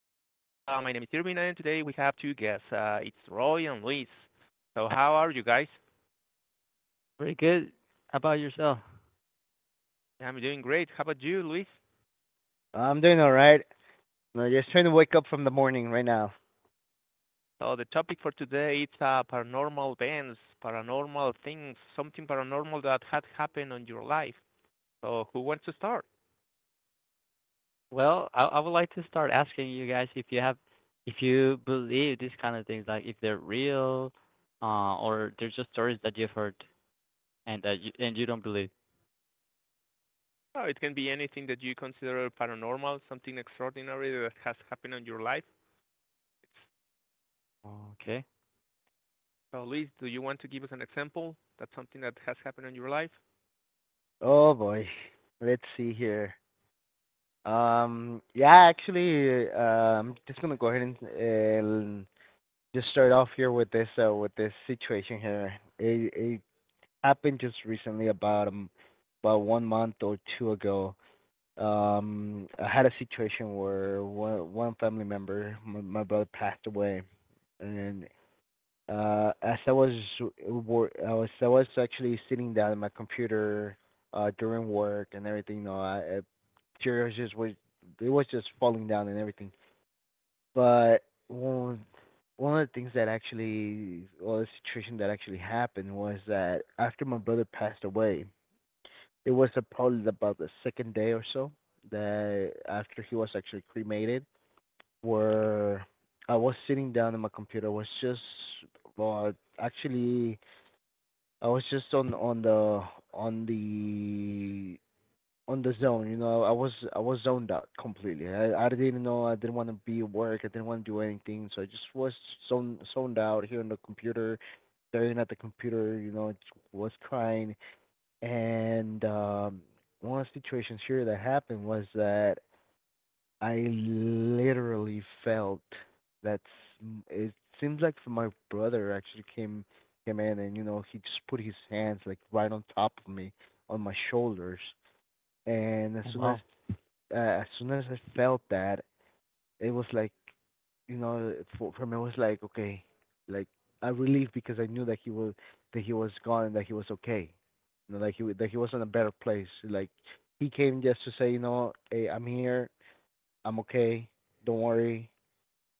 My name is Irving, and today we have two guests. It's Roy and Luis. So, how are you guys? Very good. How about yourself? I'm doing great. How about you, Luis? I'm doing all right. I'm just trying to wake up from the morning right now. So, the topic for today is paranormal events, paranormal things, something paranormal that had happened on your life. So, who wants to start? Well, I would like to start asking you guys if you have, if you believe these kind of things, like if they're real, or they're just stories that you've heard and that you don't believe. Oh, it can be anything that you consider paranormal, something extraordinary that has happened on your life. Okay. So, Luis, do you want to give us an example? That's something that has happened on your life? Oh boy. Let's see here. Yeah, actually, I'm just gonna go ahead and just start off here with this situation here. It happened just recently, about about 1 month or two ago. I had a situation where one family member, my brother, passed away, and as I was I was actually sitting down at my computer during work and everything. No, know, I, tears just was it was just falling down and everything. But one of the things that actually well the situation that actually happened was that after my brother passed away, it was probably about the second day or so that after he was actually cremated, where I was sitting down at my computer, was just well actually I was just on the on the zone, you know. I was zoned out completely. I didn't know. I didn't want to be at work. I didn't want to do anything. So I just was zoned out here on the computer, staring at the computer. You know, was crying. And one of the situations here that happened was that I literally felt that. It seems like my brother actually came in, and you know he just put his hands like right on top of me on my shoulders, and Oh, wow. As soon as I felt that, it was like, you know, for me it was like okay, like I relieved because I knew that he was, that he was gone and that he was okay, you know, like he that he was in a better place, like he came just to say, you know, hey, I'm here, I'm okay, don't worry,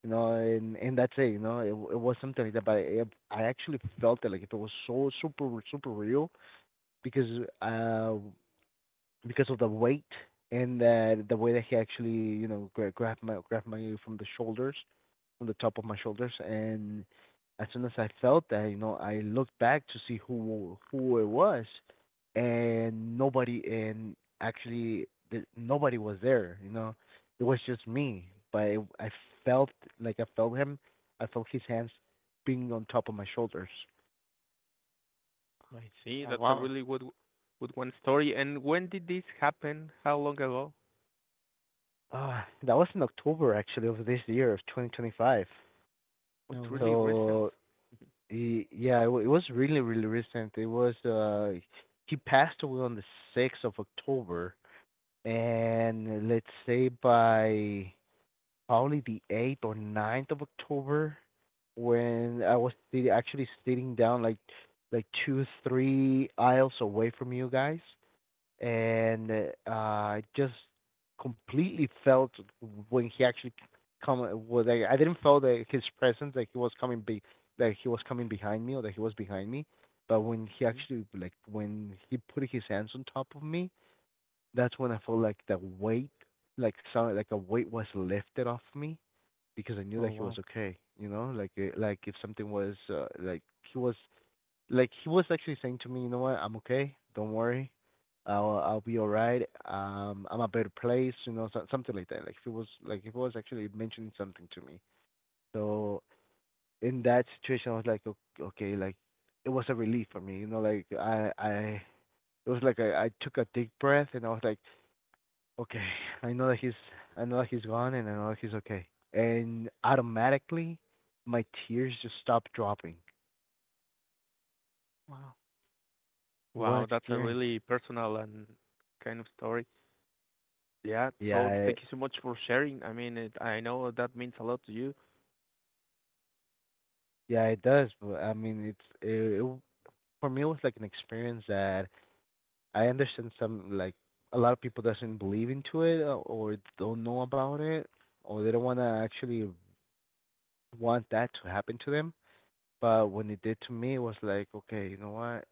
you know, and that's it. You know, it, it was something like that, but I actually felt it like if it was so super super real, because uh because of the weight and the way that he actually, you know, grabbed my from the shoulders, from the top of my shoulders, and as soon as I felt that, you know, I looked back to see who it was, and nobody and actually nobody was there. You know, it was just me. But it, I felt, like I felt him. I felt his hands being on top of my shoulders. I see. Oh That's a wow. really good one story. And when did this happen? How long ago? That was in October actually of this year of 2025. Oh, No it's way. really recent. So Yeah, it, it was really, really recent. It was he passed away on the 6th of October, and let's say by probably the eighth or 9th of October, when I was actually sitting down like two, three aisles away from you guys, and I just completely felt when he actually come. Well, like, I didn't feel that his presence, like he was coming be, that he was coming behind me, or that he was behind me. But when he Mhm. actually, like when he put his hands on top of me, that's when I felt like the weight, like some, like a weight was lifted off me because I knew Oh, that he was wow. okay. You know, like if something was like he was, like he was actually saying to me, you know what, I'm okay, don't worry, I'll be all right. I'm a better place, you know, so, something like that. Like if it was, like if it was actually mentioning something to me. So in that situation, I was like, okay, like it was a relief for me, you know, like I it was like I took a deep breath and I was like, okay, I know that he's, I know that he's gone and I know that he's okay. And automatically, my tears just stopped dropping. Wow. What Wow, that's a experience. really personal and kind of story. Yeah. So Yeah, thank you so much for sharing. I mean, it, I know that means a lot to you. yeah, it does. But I mean, it's it, it for me it was like an experience that I understand, some like a lot of people doesn't believe into it, or don't know about it, or they don't want to actually want that to happen to them. But when it did to me, it was like, okay, you know what?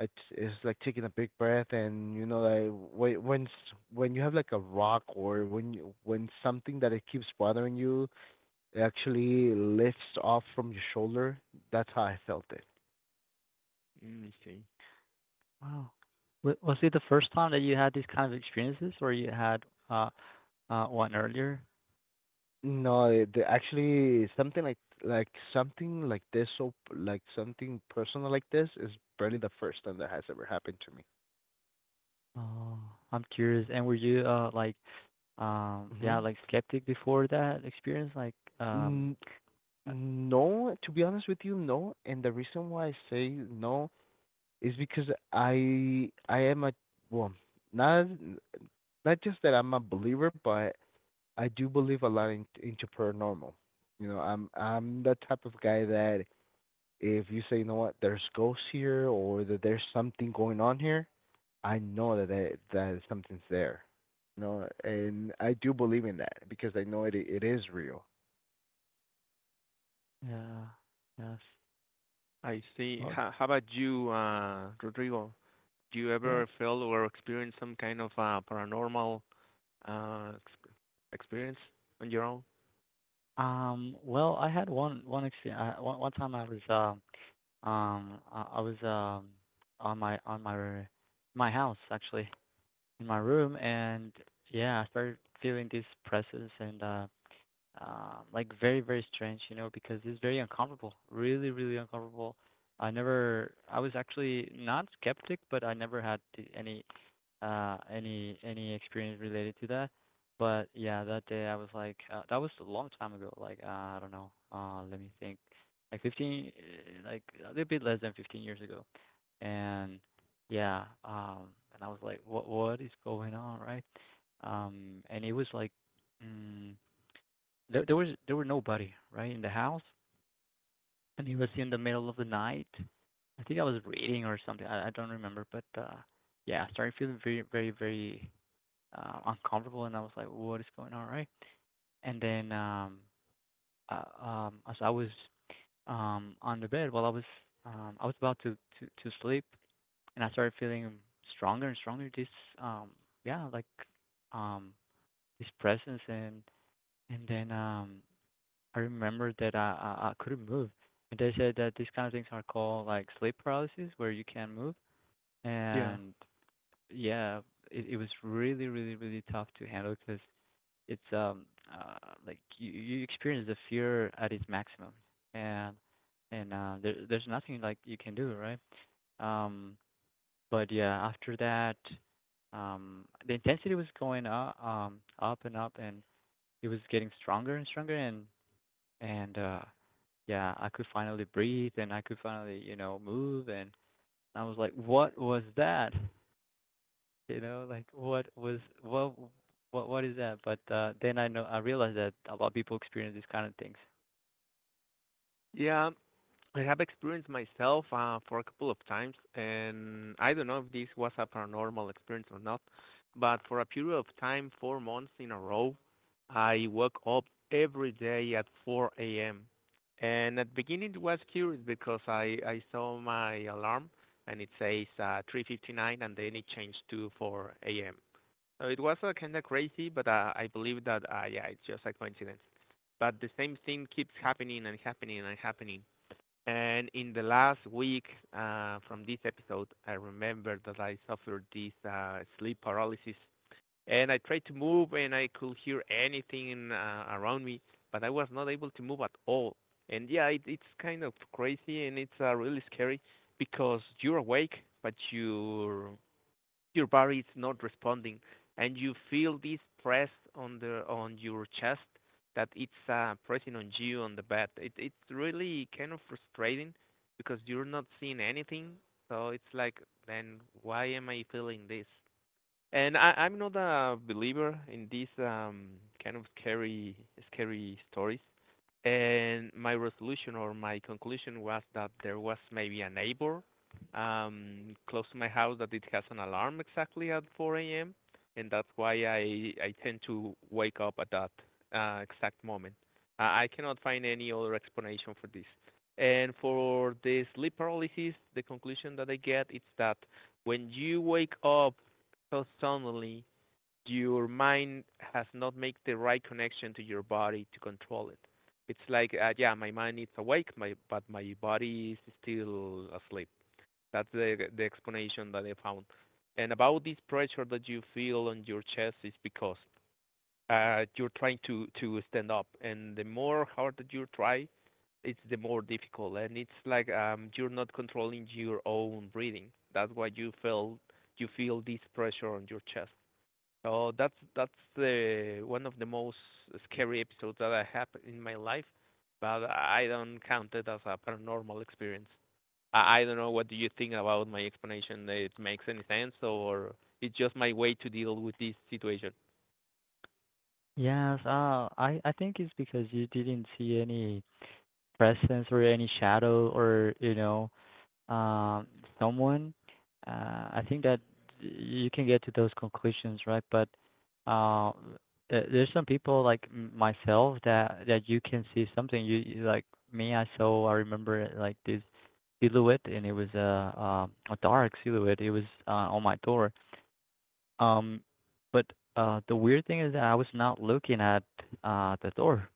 It's like taking a big breath, and you know like when when when you have like a rock or when you when something that it keeps bothering you, it actually lifts off from your shoulder. That's how I felt it. Mm, I see. Wow. Was it the first time that you had these kind of experiences, or you had uh one earlier? No, actually, something like something like this, so like something personal like this is barely the first time that has ever happened to me. Oh, I'm curious. And were you Hmm. yeah, like skeptic before that experience, like um, N uh, No, to be honest with you, no. And the reason why I say no is because I am a, well, not, not just that I'm a believer, but I do believe a lot in, into paranormal. You know, I'm the type of guy that if you say, you know what, there's ghosts here or that there's something going on here, I know that that, that something's there. You know, and I do believe in that because I know it is real. yeah, yes, I see. well, How about you, Rodrigo? Do you yeah. ever feel or experience some kind of paranormal uh, ex- experience on your own? Well, I had one experience. One time I was I was on my my house actually in my room, and yeah, I started feeling these presence, and like very, very strange, you know, because it's very uncomfortable, really, really uncomfortable. I was actually not skeptic, but I never had any experience related to that. But yeah, that day I was like, that was a long time ago. I don't know. Let me think. Like 15, like a little bit less than 15 years ago. And yeah, and I was like, what is going on, right? And it was like, mm, there were nobody right in the house, and it was in the middle of the night. I think I was reading or something. I don't remember, but yeah, I started feeling very uncomfortable, and I was like, "What is going on?" Right? And then As I was on the bed, while I was about to to sleep, and I started feeling stronger and stronger. This um yeah like um this presence. And then I remember that I couldn't move, and they said that these kind of things are called like sleep paralysis, where you can't move. Yeah. And yeah, it was really tough to handle because it's like you experience the fear at its maximum, and there there's nothing like you can do, right? Um, but yeah, after that, the intensity was going up, up and up, and it was getting stronger and stronger, and yeah, I could finally breathe and I could finally, you know, move. And I was like, what was that? You know, like what was what is that? But then I realized that a lot of people experience these kind of things. Yeah, I have experienced myself for a couple of times, and I don't know if this was a paranormal experience or not, but for a period of time, 4 months in a row, I woke up every day at 4 a.m. And at the beginning, it was curious because I saw my alarm and it says 3:59, and then it changed to 4 a.m. So it was kind of crazy, but I believe that yeah, it's just a coincidence. But the same thing keeps happening and happening and happening and in the last week from this episode, I remember that I suffered this sleep paralysis, and I tried to move, and I could hear anything around me, but I was not able to move at all. And yeah, it's kind of crazy, and it's really scary because you're awake, but your body is not responding and you feel this press on the on your chest that it's pressing on you on the bed. It's really kind of frustrating because you're not seeing anything. So it's like, then why am I feeling this? And I'm not a believer in these kind of scary stories. And my resolution or my conclusion was that there was maybe a neighbor close to my house that it has an alarm exactly at 4 a.m. And that's why I tend to wake up at that exact moment. I cannot find any other explanation for this. And for the sleep paralysis, the conclusion that I get is that when you wake up so suddenly your mind has not made the right connection to your body to control it. It's like, yeah, my mind is awake, my but my body is still asleep. That's the explanation that I found. And about this pressure that you feel on your chest is because you're trying to stand up, and the more hard that you try, it's the more difficult, and it's like you're not controlling your own breathing. That's why you feel this pressure on your chest. Oh, that's the one of the most scary episodes that I have in my life, but I don't count it as a paranormal experience. I don't know what do you think about my explanation. It makes any sense, or it's just my way to deal with this situation. Yes, I think it's because you didn't see any presence or any shadow or, you know, um, someone, I think that you can get to those conclusions, right? But uh, there's some people like myself that you can see something. You like Me, I saw. I remember like this silhouette, and it was a dark silhouette. It was on my door. Um, but the weird thing is that I was not looking at the door.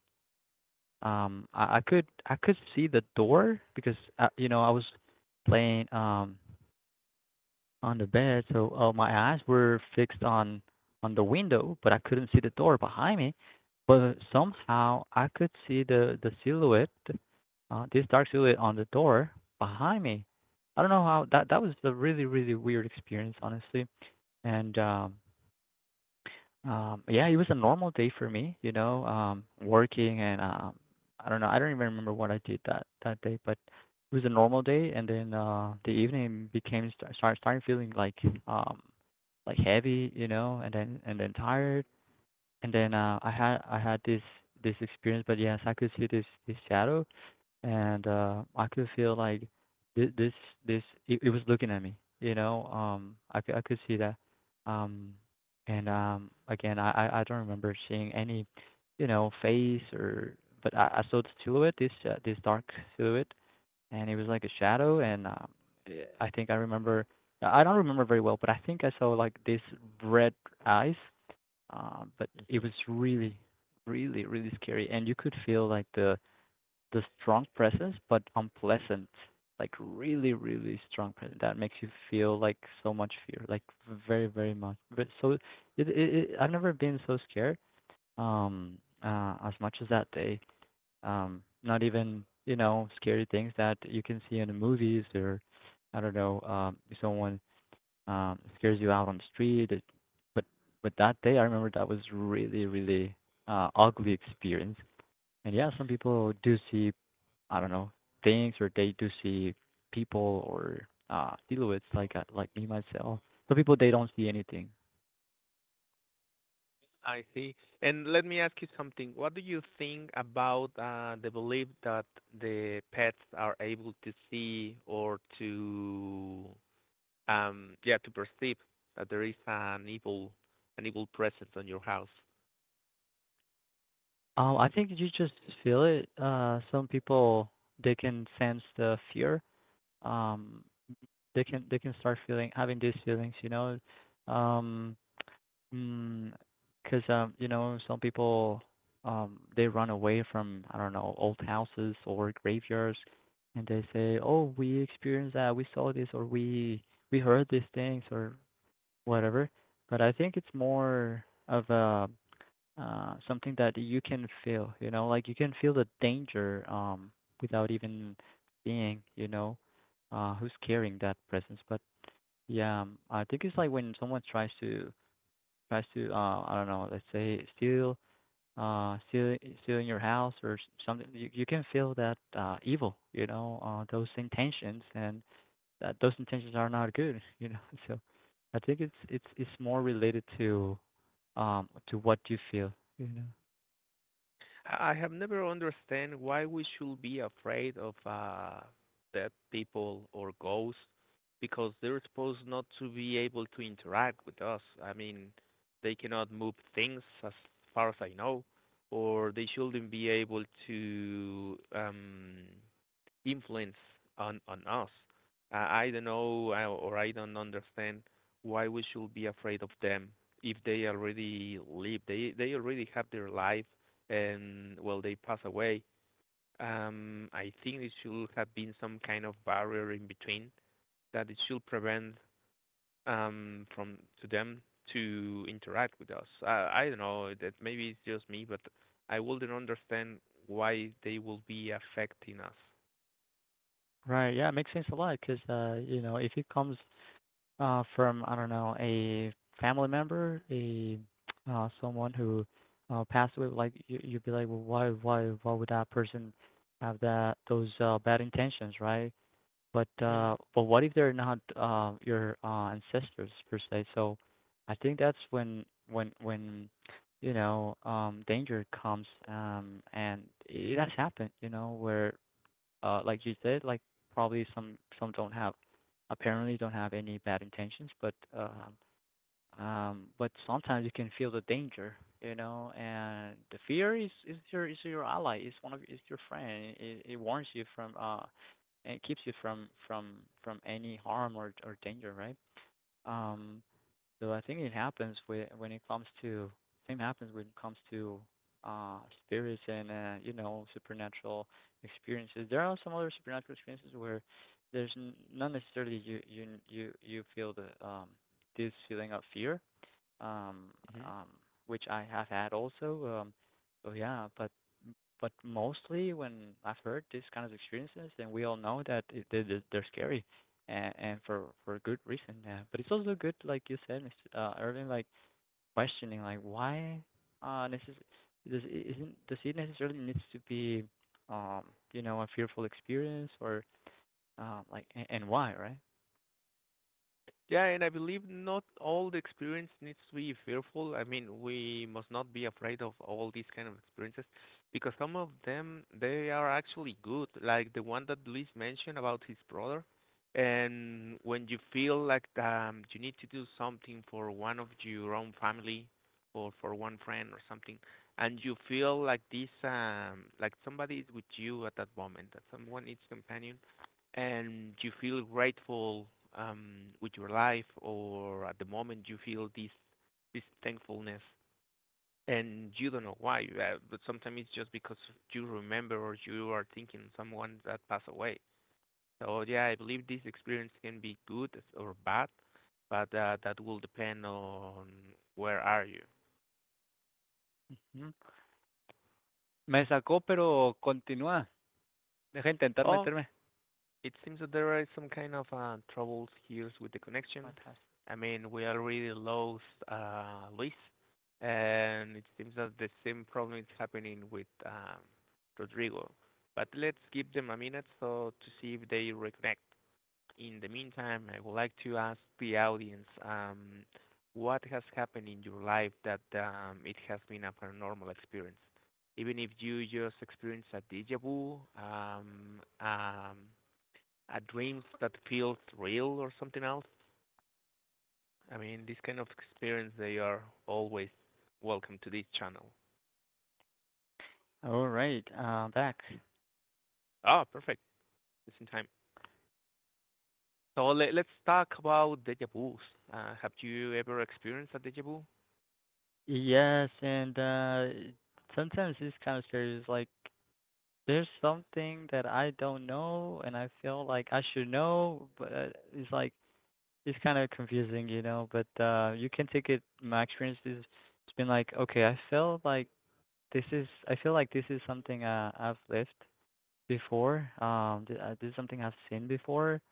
I could see the door because you know I was playing on the bed. So my eyes were fixed on the window, but I couldn't see the door behind me. But somehow I could see the silhouette, this dark silhouette on the door behind me. I don't know how that was a really really weird experience, honestly. And Yeah, it was a normal day for me, you know, working and I don't know, I don't even remember what I did that day, but it was a normal day. And then the evening became started feeling um, like heavy, you know, and then tired. And then I had this experience, but yes, I could see this shadow and I could feel like this this this. It was looking at me, you know. I could see that. Um, and Again, I don't remember seeing any, you know, face or but I saw the silhouette, this dark silhouette, and it was like a shadow. I think I remember. I don't remember very well, but I think I saw like this red eyes. But it Mm-hmm. was really, really, really scary, and you could feel like the strong presence, but unpleasant. Like really, really strong presence that makes you feel like so much fear, like very, very much. But so It I've never been so scared um as much as that day. Not even you know scary things that you can see in the movies or I don't know if someone scares you out on the street. But but that day I remember that was really, really ugly experience. And yeah, some people do see I don't know, things or they do see people or silhouettes like like me myself. Some people they don't see anything. I see. And let me ask you something. What do you think about the belief that the pets are able to see or to yeah, to perceive that there is an evil presence on your house. I think you just feel it. Some people they can sense the fear. Um, they can start feeling having these feelings, you know. Um. Mm. Because you know, some people, they run away from, I don't know, old houses or graveyards, and they say, "Oh, we experienced that, we saw this, or we heard these things, or whatever." But I think it's more of a something that you can feel, you know, like you can feel the danger, without even seeing, you know, who's carrying that presence. But yeah, I think it's like when someone tries to I don't know, let's say uh steal stealing your house or something, you can feel that evil, you know, those intentions and that those intentions are not good, you know. So I think it's more related to what you feel, you know. I have never understand why we should be afraid of dead people or ghosts because they're supposed not to be able to interact with us. I mean, they cannot move things as far as I know, or they shouldn't be able to influence on us. I don't know or I don't understand why we should be afraid of them if they already live. They already have their life and well they pass away. I think it should have been some kind of barrier in between that it should prevent from to them to interact with us. I don't know that maybe it's just me, but I wouldn't understand why they will be affecting us. Right, yeah, it makes sense a lot because you know, if it comes from I don't know a family member, a someone who passed away, like you'd be like, well, why would that person have that those bad intentions, right? Mhm. But what if they're not your ancestors per se? So I think that's when you know danger comes, and it has happened, you know, where like you said, like probably some don't have apparently don't have any bad intentions, but sometimes you can feel the danger, you know, and the fear is is your ally, is one of is your friend. It warns you from and it keeps you from from any harm or danger, right? Um, so I think it happens when it comes to same happens when it comes to uh spirits and you know supernatural experiences. There are some other supernatural experiences where there's not necessarily you feel the this feeling of fear, um, Mhm. um, which I have had also. So yeah, but mostly when I've heard these kind of experiences, then we all know that they're scary, and for a good reason. Yeah, but it's also good, like you said, Mr. Irving, like questioning, like why necess does it isn't does it necessarily needs to be um you know a fearful experience or like and why right? Yeah, and I believe not all the experience needs to be fearful. I mean, we must not be afraid of all these kind of experiences because some of them they are actually good, like the one that Luis mentioned about his brother. And when you feel like you need to do something for one of your own family or for one friend or something, and you feel like this like somebody is with you at that moment, that someone is companion, and you feel grateful with your life, or at the moment you feel this thankfulness, and you don't know why. But sometimes it's just because you remember or you are thinking someone that passed away. So yeah, I believe this experience can be good or bad, but that will depend on where are you. Hmm. Me sacó, pero continúa. Deja intentar Oh, meterme. it seems that there are some kind of troubles here with the My connection. past. I mean, we already lost Luis, and it seems that the same problem is happening with Rodrigo. But let's give them a minute so to see if they reconnect. In the meantime, I would like to ask the audience, what has happened in your life that it has been a paranormal experience? Even if you just experienced a déjà vu, a dreams that feels real or something else. I mean, this kind of experience, they are always welcome to this channel. All right, back. Ah, perfect. Just in time. So let's talk about deja vus. Have you ever experienced a deja vu? Yes, and sometimes this kind of series like there's something that I don't know and I feel like I should know, but it's like it's kind of confusing, you know. But you can take it. My experience is it's been like okay, I feel like this is I feel like this is something I've lived before. This is something I've seen before,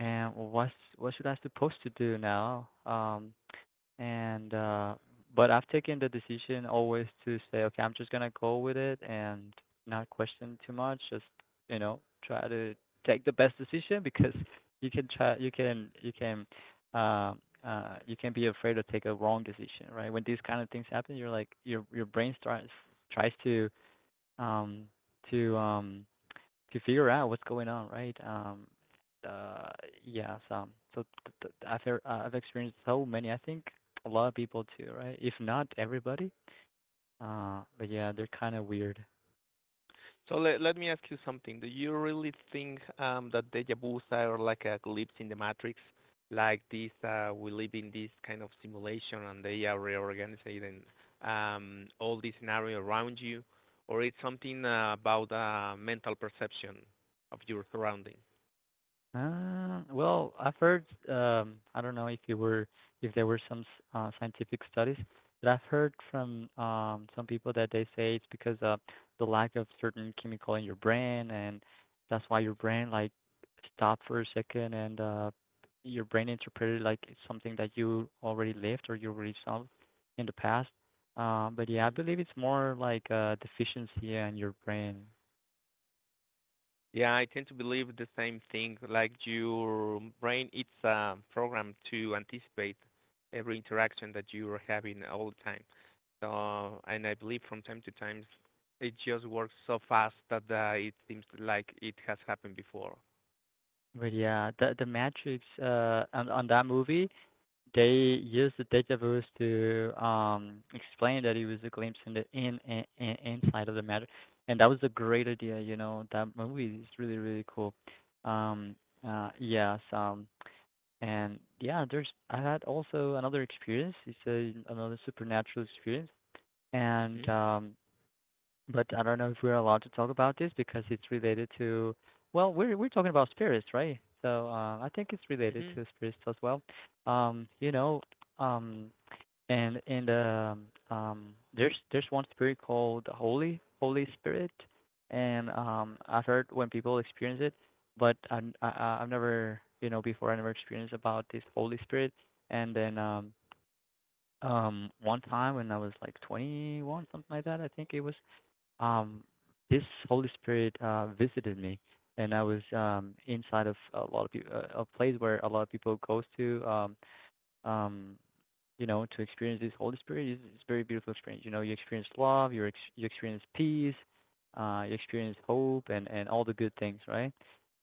and what should I supposed to do now? And But I've taken the decision always to say, okay, I'm just gonna go with it and not question too much, just you know, try to take the best decision because you can try you can you can you can be afraid to take a wrong decision, right? When these kind of things happen, you're like your brain starts tries um to um to figure out what's going on, right? Uh, yes. So I've heard, I've experienced so many. I think a lot of people too, right? If not everybody. But yeah, they're kind of weird. So let me ask you something. Do you really think that deja vus are like a glimpse in the matrix? Like this, we live in this kind of simulation, and they are reorganizing all this scenario around you, or it's something about mental perception of your surrounding? Well, I've heard, I don't know if you were, if there were some scientific studies, but I've heard from some people that they say it's because of the lack of certain chemical in your brain, and that's why your brain like stopped for a second, and your brain interpreted like it's something that you already lived or you already saw in the past. But yeah, I Mm-hmm. believe it's more like a deficiency in your brain. Yeah, I tend to believe the same thing. Like your brain, it's programmed to anticipate every interaction that you are having all the time. So, and I believe from time to time, it just works so fast that it seems like it has happened before. But yeah, the Matrix on that movie. They used the deja vu to explain that it was a glimpse in the in inside of the matter, and that was a great idea. You know that movie is really really cool. Um, uh, yes, um, and yeah, there's I had also another experience. Another supernatural experience, and Mhm. But I don't know if we're allowed to talk about this because it's related to, well, we're talking about spirits, right? So I think it's related Mhm. to spirits as well. You know, um, and There's one spirit called the Holy Spirit, and I've heard when people experience it, but I've never before I never experienced about this Holy Spirit, and then one time when I was like 21 something like that I think it was um, this Holy Spirit visited me, and I was inside of a lot of people, a place where a lot of people goes to, um, to experience this Holy Spirit. It's a very beautiful experience. You know, you experience love, you experience peace, you experience hope, and all the good things, right?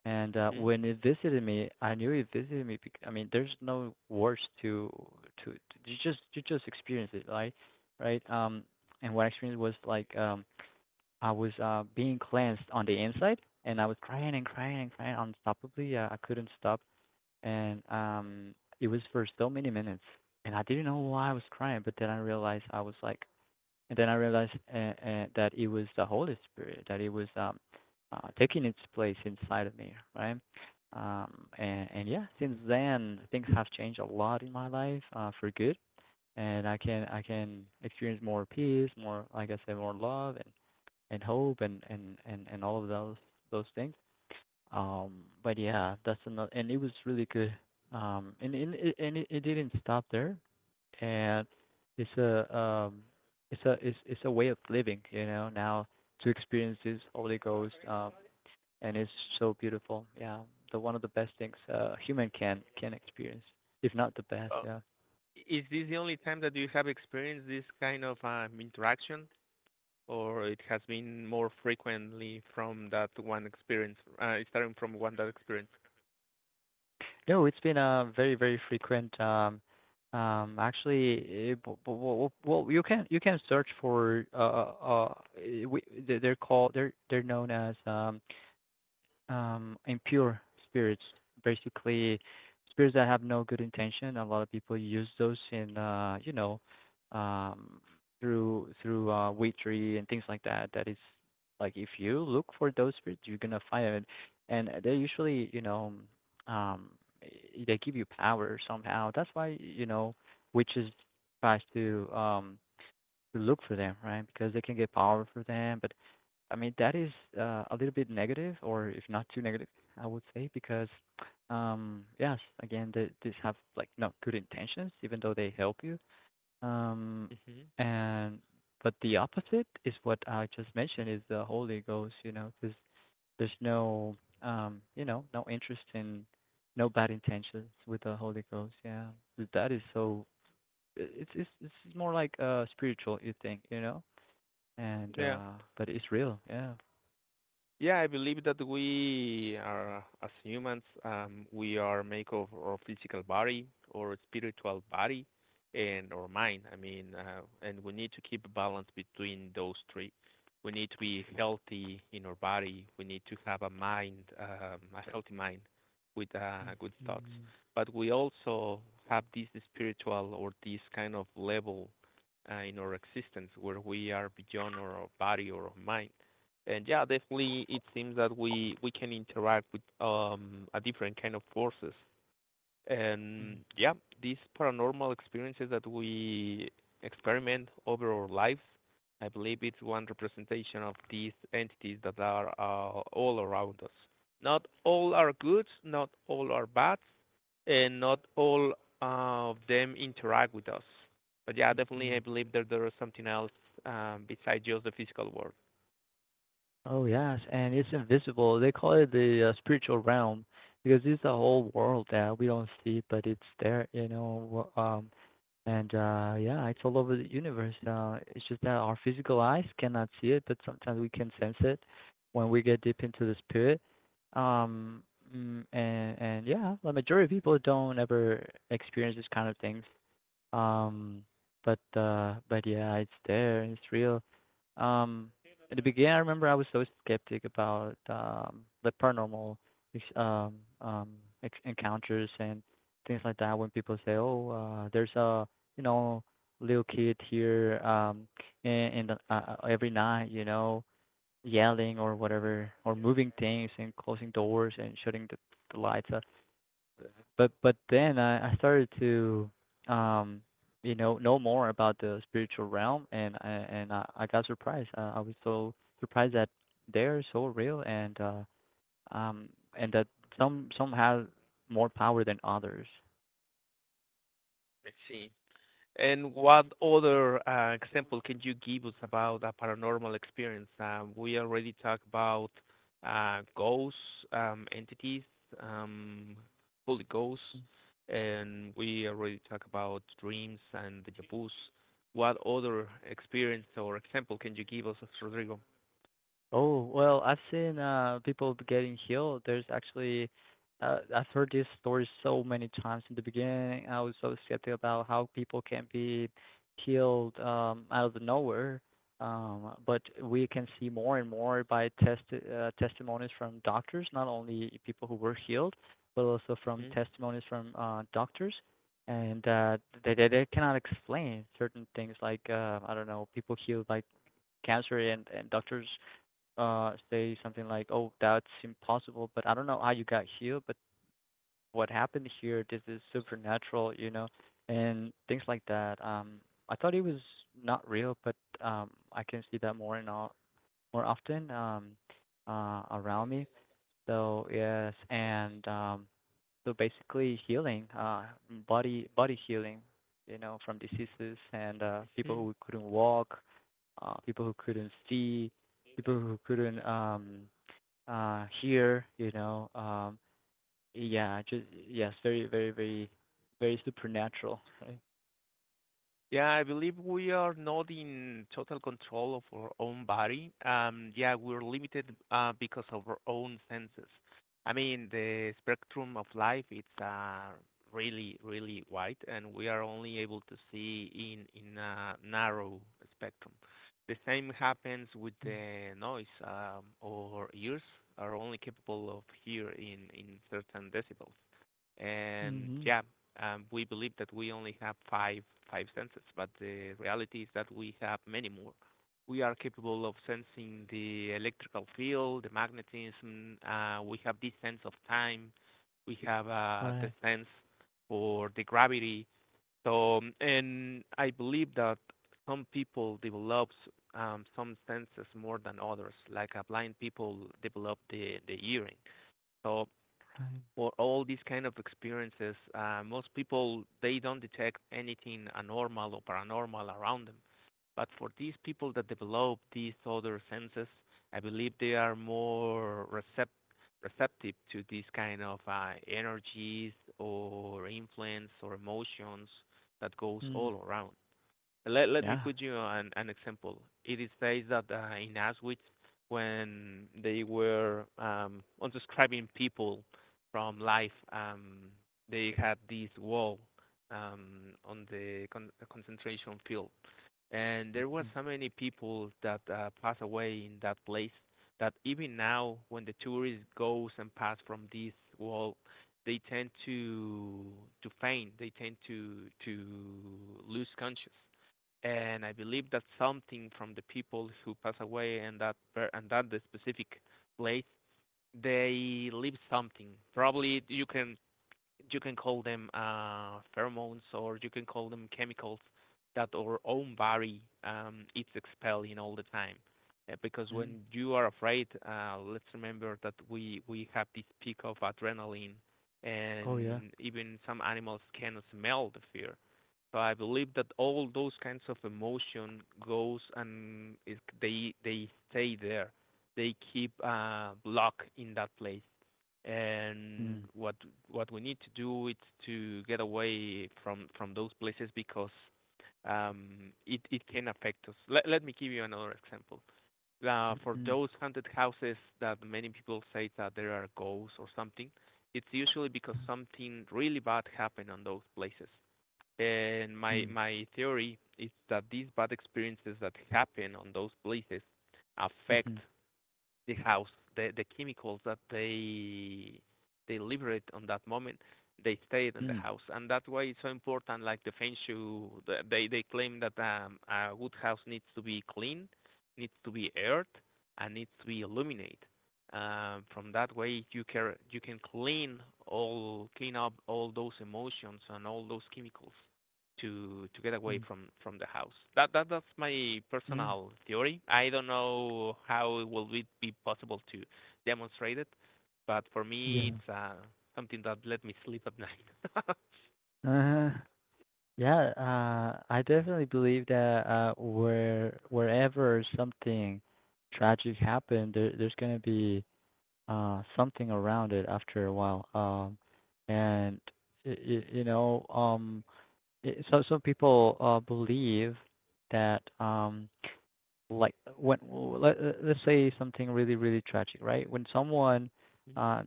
And Mhm. when it visited me, I knew it visited me. Because, I mean, there's no words to, to you just experience it, right? Right. And what I experienced was like I was being cleansed on the inside, and I was crying and crying and crying unstoppably. I couldn't stop, and it was for so many minutes, and I didn't know why I was crying. But then I realized that it was the Holy Spirit, that it was taking its place inside of me, right? And yeah, since then things have changed a lot in my life for good, and I can experience more peace, more like I said, more love, and hope and all of those things. Um, but yeah, that's another, and it was really good. And it didn't stop there, and it's a um, it's a way of living, you know. Now to experience this Holy Ghost, and it's so beautiful. Yeah, the one of the best things human can experience, if not the best. Uh, Yeah. is this the only time that you have experienced this kind of interaction, or it has been more frequently from that one experience, starting from one that experience? No, it's been very, very frequent. Actually, eh, b- b- Well, you can search for uh, eh, we, they- they're called they're known as impure spirits, basically spirits that have no good intention. A lot of people use those in, you know, um, through witchery and things like that. That is like if you look for those spirits, you're gonna find it, and they usually, you know, um, they give you power somehow. That's why you know witches tries to look for them, right? Because they can get power for them, but I mean, that is a little bit negative, or if not too negative, I would say, because yes, again, these have like not good intentions, even though they help you. Um, and But the opposite is what I just mentioned is the Holy Ghost. You know, there's no you know, no interest in no bad intentions with the Holy Ghost. Yeah, that is so. It's it's more like a spiritual you think, you know, and Yeah. But it's real. Yeah. Yeah, I believe that we are, as humans, we are made of our physical body, or spiritual body, and our mind. I mean, and we need to keep a balance between those three. We need to be healthy in our body. We need to have a mind, a healthy mind with good thoughts. Mm-hmm. But we also have this spiritual or this kind of level in our existence where we are beyond our body or our mind and yeah, definitely it seems that we can interact with a different kind of forces. And yeah, these paranormal experiences that we experiment over our lives, I believe it's one representation of these entities that are all around us. Not all are good, not all are bad, and not all of them interact with us. But yeah, definitely I believe that there is something else besides just the physical world. Oh yes, and it's invisible. They call it the spiritual realm because it's a whole world that we don't see, but it's there, you know. Wh- and Yeah, it's all over the universe. It's just that our physical eyes cannot see it, but sometimes we can sense it when we get deep into the spirit. Um, and yeah, the majority of people don't ever experience this kind of things. Um, but yeah, it's there. It's real. Um, in the beginning, I remember I was so skeptic about the paranormal ex- um um encounters and things like that. When people say, "Oh, there's a you know little kid here in, every night," you know, yelling or whatever, or moving things and closing doors and shutting the lights. But then I started to um know more about the spiritual realm and I got surprised. I was so surprised that they're so real um and that some have more power than others. Let's see. And what other example can you give us about a paranormal experience? We already talked about ghosts, entities, um, holy ghosts, and we already talked about dreams and the vus. What other experience or example can you give us, Rodrigo? Oh, well, I've seen people getting healed. There's actually I've heard these stories so many times. In the beginning, I was so skeptical about how people can be healed out of the nowhere. But we can see more and more by testimonies from doctors, not only people who were healed, but also from testimonies from doctors. And they cannot explain certain things like I don't know, people healed by cancer and doctors say something like, "Oh, that's impossible," but I don't know how you got healed, but what happened here, this is supernatural, you know, and things like that. I thought it was not real, but I can see that more often around me. So yes, and so basically healing, body healing, you know, from diseases and people Hmm who couldn't walk, people who couldn't see, people who couldn't here you know yeah just yes very supernatural right. Yeah, I believe we are not in total control of our own body. Yeah, we're limited because of our own senses. I mean, the spectrum of life it's really, really wide, and we are only able to see in a narrow spectrum. The same happens with Mm. the noise. Our ears are only capable of hear in certain decibels. And Mm-hmm. yeah, we believe that we only have five senses, but the reality is that we have many more. We are capable of sensing the electrical field, the magnetism. We have this sense of time. We have the Right. sense for the gravity. So, and I believe that some people develop some senses more than others. Like blind people develop the hearing. So Right. for all these kind of experiences, most people they don't detect anything abnormal or paranormal around them. But for these people that develop these other senses, I believe they are receptive to these kind of energies or influence or emotions that goes Mm. all around. Let me Yeah. put you an example. It is says that in Auschwitz, when they were unsubscribing people from life, they had this wall on the concentration field, and there was Mm-hmm. so many people that passed away in that place that even now when the tourist goes and pass from this wall they tend to faint, they tend to lose conscious. And I believe that something from the people who pass away and that the specific place, they leave something. Probably you can, you can call them pheromones, or you can call them chemicals that our own body, it's expelling all the time. Because Mm. when you are afraid, let's remember that we have this peak of adrenaline, Oh yeah. and even some animals can smell the fear. So I believe that all those kinds of emotion goes, and they stay there. They keep locked in that place. And Mm. What we need to do is to get away from those places because it can affect us. Let me give you another example. For Mm-hmm. those haunted houses that many people say that there are ghosts or something, it's usually because Yeah. something really bad happened on those places, and my Mm. my theory is that these bad experiences that happen on those places Mm-hmm. affect the house, the chemicals that they liberate on that moment. They stay in the Mm. house, and that's why it's so important. Like the feng shui, they claim that a wood house needs to be clean, needs to be aired, and needs to be illuminated. From that way, you can, you can clean, all clean up all those emotions and all those chemicals to get away Mm. from the house. That's my Mm. personal theory. I don't know how it will it be possible to demonstrate it, but for me Yeah. it's something that let me sleep at night. Uh, yeah, I definitely believe that wherever something tragic happened, there's gonna be something around it after a while and y y you know it, so some people believe that like let, let's say something really really tragic right when someone uh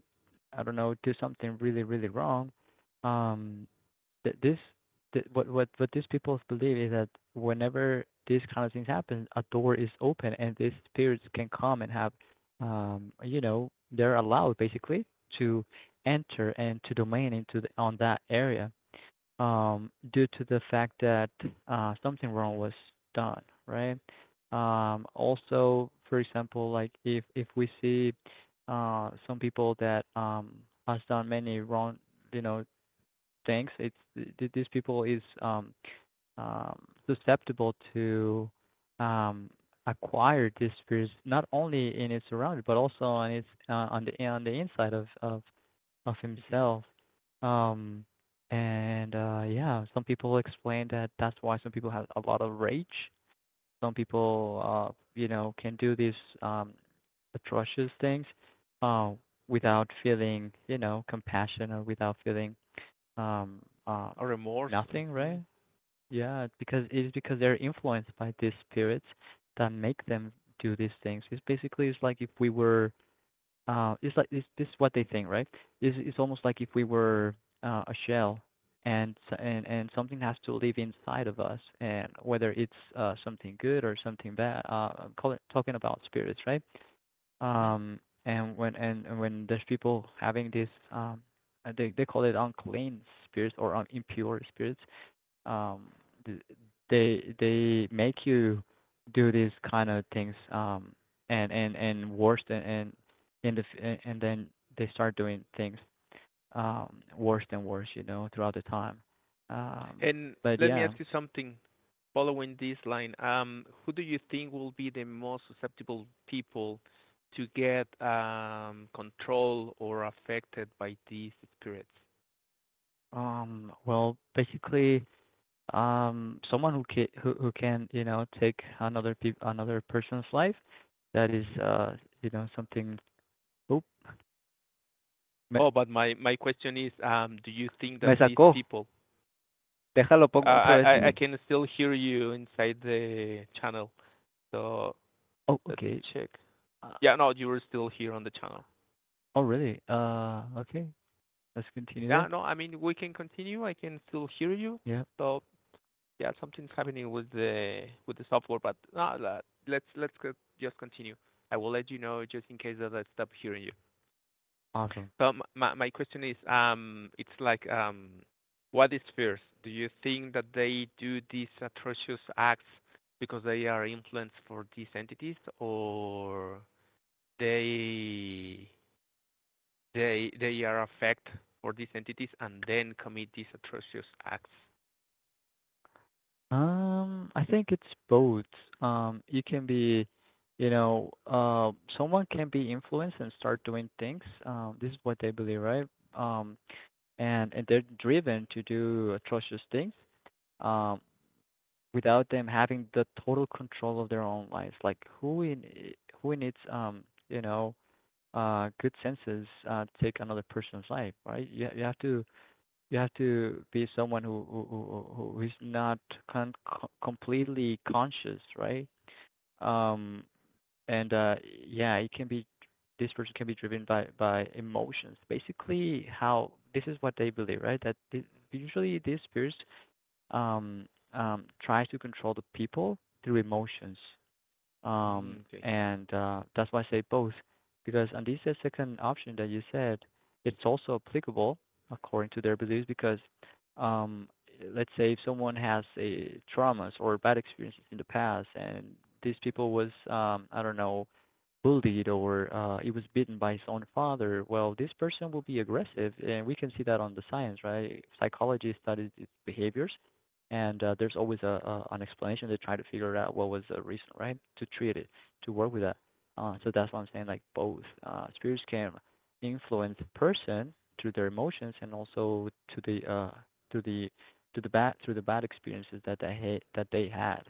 I don't know do something really really wrong um th- this what these people believe is that whenever these kind of things happen, a door is open and these spirits can come and have you know they're allowed basically to enter and to domain into on that area due to the fact that something wrong was done right. Also for example like if we see some people that has done many wrong you know things. These people is um, susceptible to um, acquire these spirits not only in its surroundings but also on its on the inside of of hmm himself. Um, and Yeah, some people explain that that's why some people have a lot of rage. Some people, you know, can do these um, atrocious things uh, without feeling, you know, compassion or without feeling um, um, A remorse. nothing, Hmm right? Yeah, it's because they're influenced by these spirits that make them do these things. It's basically it's like if we were, it's like it's this is what they think, right? It's almost like if we were a shell, and and something has to live inside of us, and whether it's something good or something bad. I'm calling, talking about spirits, right? hmm Um, and when there's people having this, they call it unclean spirits or impure spirits. Um, th- they make you do these kind of things. And worse than and in the f- and then they start doing things worse than worse, you know, throughout the time. Um, And but let me yeah. ask you something. Following this line, who do you think will be the most susceptible people to get controlled or affected by these spirits? Well, basically, someone who can who can take another person's life that is something. Oh, me, Oh, but my question is, do you think me that these sacó, people? déjalo Uh, pongo otra I vez. I I can still hear you inside the channel. So Oh, let me okay. check. uh, Yeah, no, you were still here on the channel. oh really, okay, let's continue Yeah, then. no, I mean we can continue. I can still hear you. Yeah, So yeah, something's happening with the software, but no, let's just continue. I will let you know just in case that I stop hearing you. awesome. So my question is, it's like, what is first? Do you think that they do these atrocious acts because they are influenced for these entities, or they they are affect for these entities and then commit these atrocious acts? I think it's both. You can be, you know uh someone can be influenced and start doing things, this is what they believe, right? um and they're driven to do atrocious things um, without them having the total control of their own lives. Like who needs you know good senses to take another person's life, right? You have to, you have to be someone who is not completely conscious, right? Um and Yeah, it can be, this person can be driven by emotions. Basically, how this is what they believe, right? Usually these spirits um, try to control the people through emotions, Mm, okay. and that's why I say both, because, and this is second option that you said, it's also applicable according to their beliefs because, um, let's say if someone has a traumas or bad experiences in the past, and these people was I don't know, bullied or he was beaten by his own father. Well, this person will be aggressive, and we can see that on the science, right? Psychology studies its behaviors, and there's always a an explanation. They try to figure out what was the reason, right, to treat it, to work with that. So that's what I'm saying. Like both, spirits can influence person through their emotions, and also to the uh, through the to the bad through the bad experiences that they had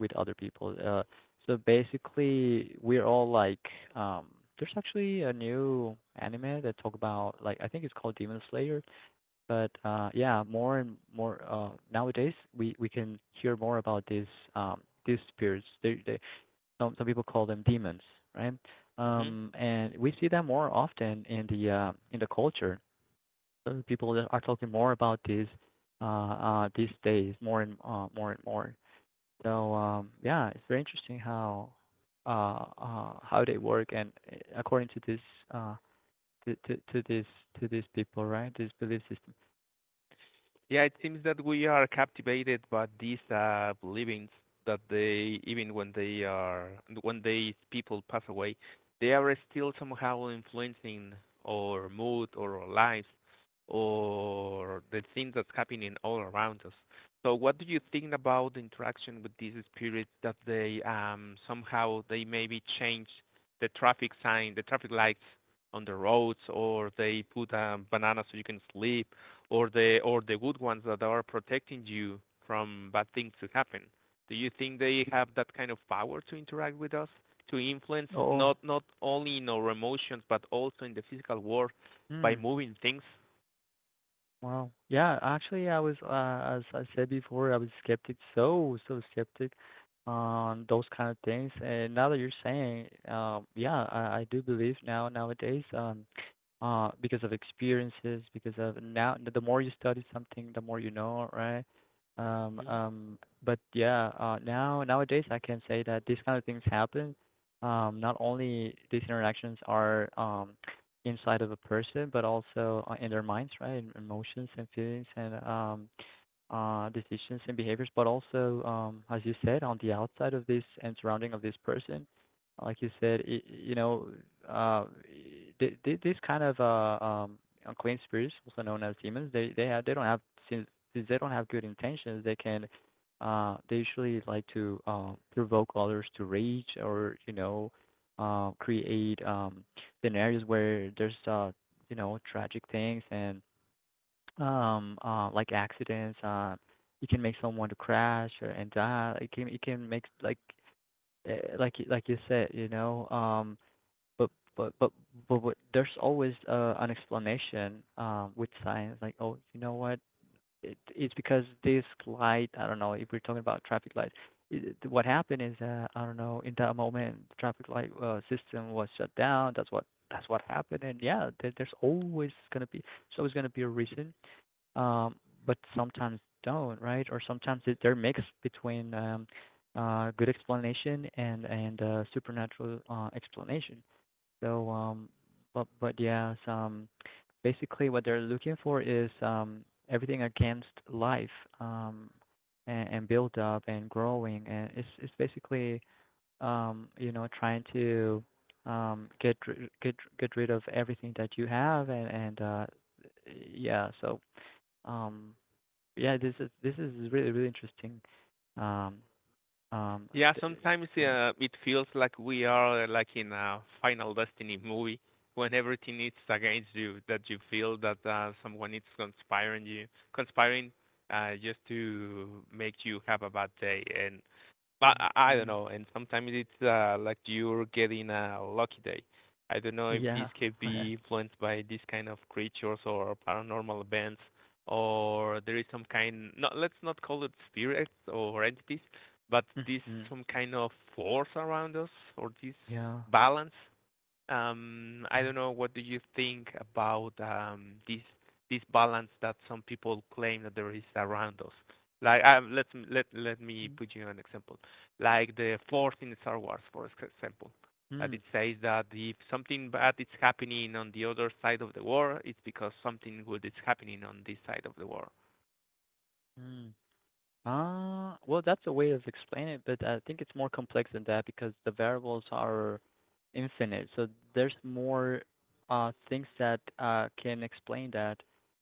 with other people. So basically, we're all like, um, there's actually a new anime that talk about, like, I think it's called Demon Slayer, but yeah, more and more, nowadays we can hear more about these spirits. They Some people call them demons, right? hmm And we see them more often in the culture. So people are talking more about these, these days, more and, more and more. So, yeah, it's very interesting how they work, and according to this, uh, to this, to these people, right? This belief system. Yeah, it seems that we are captivated by these beliefs, that they, even when they are, when these people pass away, they are still somehow influencing our mood or our lives or the things that's happening all around us. So, what do you think about the interaction with these spirits that they somehow they maybe change the traffic sign, the traffic lights on the roads, or they put banana so you can sleep, or the, or the good ones that are protecting you from bad things to happen? Do you think they have that kind of power to interact with us, to influence Oh, not only in our emotions but also in the physical world, by hmm. moving things? Wow. Yeah, actually, I was, as I said before, I was skeptic, so so skeptic on those kind of things. And now that you're saying, yeah, I do believe now nowadays, because of experiences, because of now, the more you study something, the more you know, right? Um, Hmm um, but yeah, now nowadays, I can say that these kind of things happen. Not only these interactions are, inside of a person, but also in their minds, right? And emotions and feelings, and decisions and behaviors, but also, as you said, on the outside of this and surrounding of this person, like you said, I uh, this kind of unclean spirits, also known as demons, they don't have, since since they don't have good intentions, they can, they usually like to provoke others to rage, or create scenarios where there's you know, tragic things, and like accidents. It can make someone to crash or and die. It can make like, like like you said, you know, but but but but what, there's always an explanation with science, like, oh, you know what, it's because this light, I don't know if we're talking about traffic light, what happened is that, I don't know, in that moment traffic light system was shut down. That's what that's what happened. And yeah, there's always going to be a reason, um, but sometimes don't, right? Or sometimes it, they're mixed between good explanation and supernatural explanation. So, but yeah, some, basically what they're looking for is everything against life, um, and build up and growing, and it's basically, you know, trying to, get ri- get rid of everything that you have, and yeah. So um yeah, this is really really interesting. Um, um, Yeah, th- sometimes yeah. It feels like we are like in a Final Destiny movie, when everything is against you, that you feel that someone is conspiring you, conspiring just to make you have a bad day. And but I don't Mm-hmm. know. And sometimes it's like you're getting a lucky day. I don't know if this Yeah. can be influenced by these kind of creatures or paranormal events, or there is some kind. No, let's not call it spirits or entities, but this, Mm-hmm. some kind of force around us, or this Yeah. balance. I don't know. What do you think about this this balance that some people claim that there is around us? Like, let let me put you an example. Like the force in Star Wars, for example, that Mm-hmm. it says that if something bad is happening on the other side of the war, it's because something good is happening on this side of the war. Mm. Ah, well, that's a way of explaining it, but I think it's more complex than that because the variables are infinite. So there's more things that can explain that,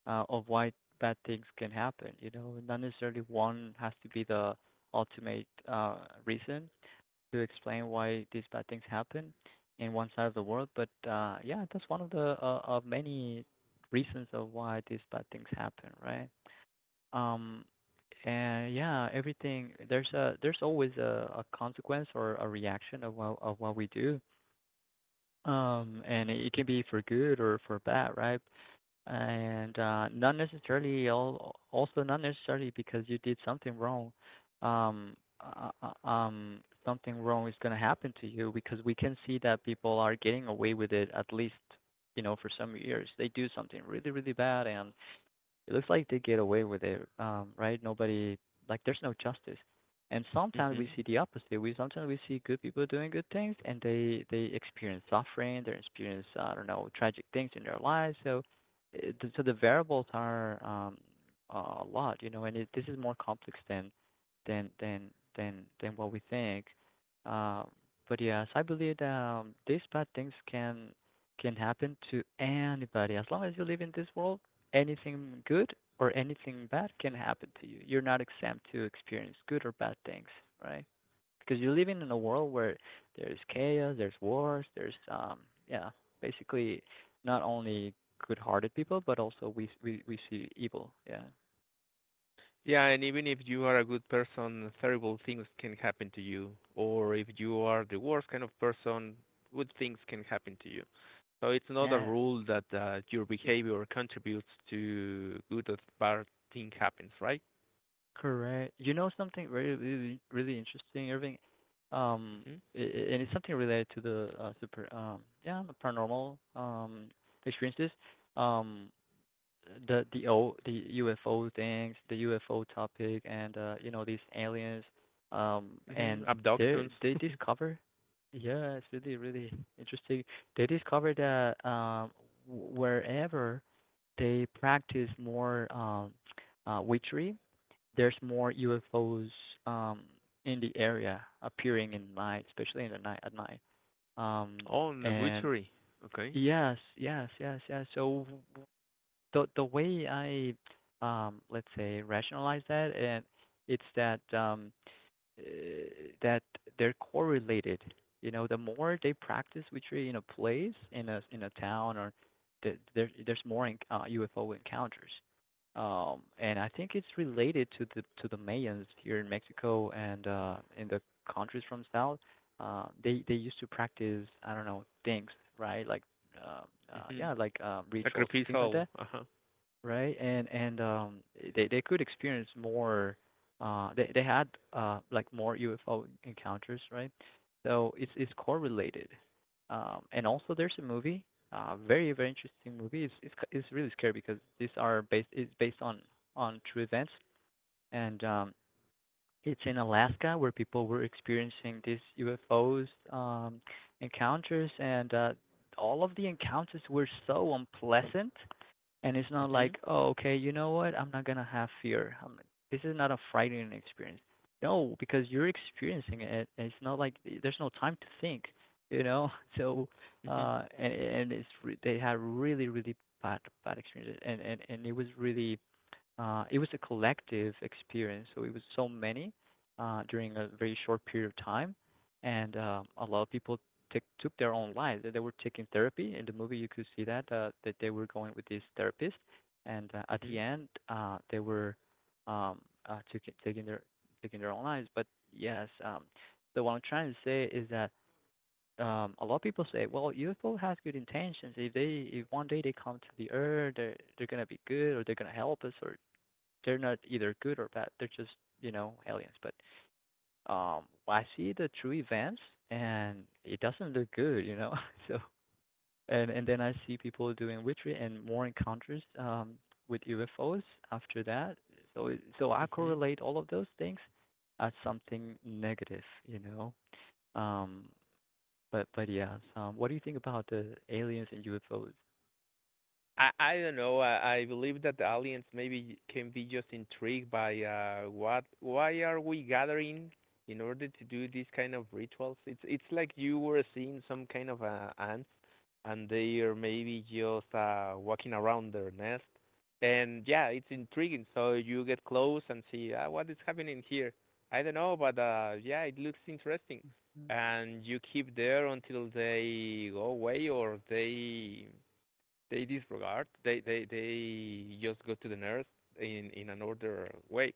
of why bad things can happen. You know, not necessarily one has to be the ultimate reason to explain why these bad things happen in one side of the world. But yeah, that's one of the, of many reasons of why these bad things happen, right? Um, and yeah, everything, there's a, there's always a consequence or a reaction of what we do. And it can be for good or for bad, right? And not necessarily all, also not necessarily because you did something wrong, Um, uh, uh, uh, um, something wrong is going to happen to you, because we can see that people are getting away with it, at least, you know, for some years. They do something really, really bad, and it looks like they get away with it, right? Nobody, like, there's no justice. And sometimes we Hmm see the opposite. We sometimes we see good people doing good things, and they experience suffering. They experience, I don't know, tragic things in their lives. So, it, so the variables are, a lot, you know. And it, this is more complex than than than than what we think. Um, but yes, I believe that, these bad things can happen to anybody. As long as you live in this world, anything good or anything bad can happen to you. You're not exempt to experience good or bad things, right? Because you're living in a world where there's chaos, there's wars, there's yeah, basically, not only good-hearted people, but also we see evil. Yeah. Yeah, and even if you are a good person, terrible things can happen to you. Or if you are the worst kind of person, good things can happen to you. So it's not a Yeah. rule that your behavior contributes to good or bad thing happens, right? Correct. You know something really really really interesting, Irving. Um, Mm-hmm. And it's something related to the super yeah, the paranormal experiences. Um, the o the UFO things, the UFO topic, and you know, these aliens, um, Mm-hmm. and Abductions. they discover, yeah, it's really really interesting. They discover that, wherever they practice more, witchery, there's more UFOs um in the area appearing in night, especially in the night, at night. Um, Oh, and the and witchery. Okay. Yes, yes, yes, yes. So the way I, let's say, rationalize that, and it's that, uh, that they're correlated. You know, the more they practice witchery in a place, in a town, or there there's more in, UFO encounters. And I think it's related to the Mayans here in Mexico, and in the countries from south. They used to practice, I don't know, things, right, like, uh, Mm-hmm. yeah, like, rituals and things like Sacrificial. that. Uh-huh. Right, and they could experience more. They had like more UFO encounters, right? So it's correlated. And also there's a movie, very very interesting movie. It's really scary because these are based, it's based on true events, and it's in Alaska, where people were experiencing these UFOs um encounters, and all of the encounters were so unpleasant. And it's not Mm-hmm. like, oh, okay, you know what? I'm not gonna have fear. I'm like, this is not a frightening experience. No, because you're experiencing it, and it's not like there's no time to think, you know. So, Mm-hmm. And it's they had really really bad bad experiences, and it was really it was a collective experience. So it was so many, during a very short period of time, and a lot of people took took their own lives. They were taking therapy in the movie. You could see that that they were going with this therapist, and at Mm-hmm. the end, they were um, taking taking their own lives. But yes, so what I'm trying to say is that, a lot of people say, well, UFO has good intentions. If they, if one day they come to the Earth, they're gonna be good, or they're gonna help us, or they're not either good or bad. They're just, you know, aliens. But I see the true events, and it doesn't look good, you know. So, and then I see people doing witchery and more encounters, with UFOs after that. So it- so I Mm-hmm. correlate all of those things as something negative, you know. Um, but what do you think about the aliens and UFOs? I don't know. I believe that the aliens maybe can be just intrigued by what, why are we gathering in order to do these kind of rituals? It's like you were seeing some kind of ants, and they are maybe just walking around their nest. And yeah, it's intriguing. So you get close and see, ah, what is happening here. I don't know, but yeah, it looks interesting. And you keep there until they go away or they disregard. They they just go to the nurse in an order way.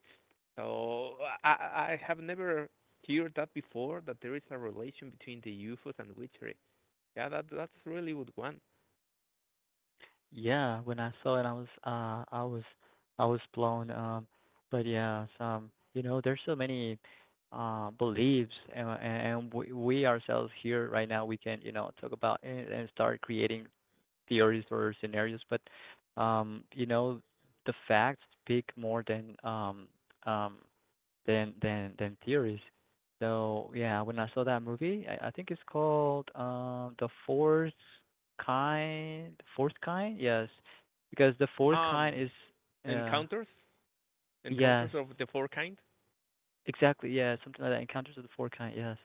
So I have never heard that before, that there is a relation between the UFOs and witchery. Yeah, that that's really good one. Yeah, when I saw it, I was blown. But yeah, there's so many beliefs, and we ourselves here right now we can, you know, talk about and start creating theories or scenarios, but um you know the facts speak more than um than theories. So yeah, when I saw that movie, I think it's called The Fourth Kind, Fourth Kind, yes, because The Fourth Kind Um, is Encounters, yes, encounters of the four kind. exactly, yeah, something like that. Encounters of the Fourth Kind, yes,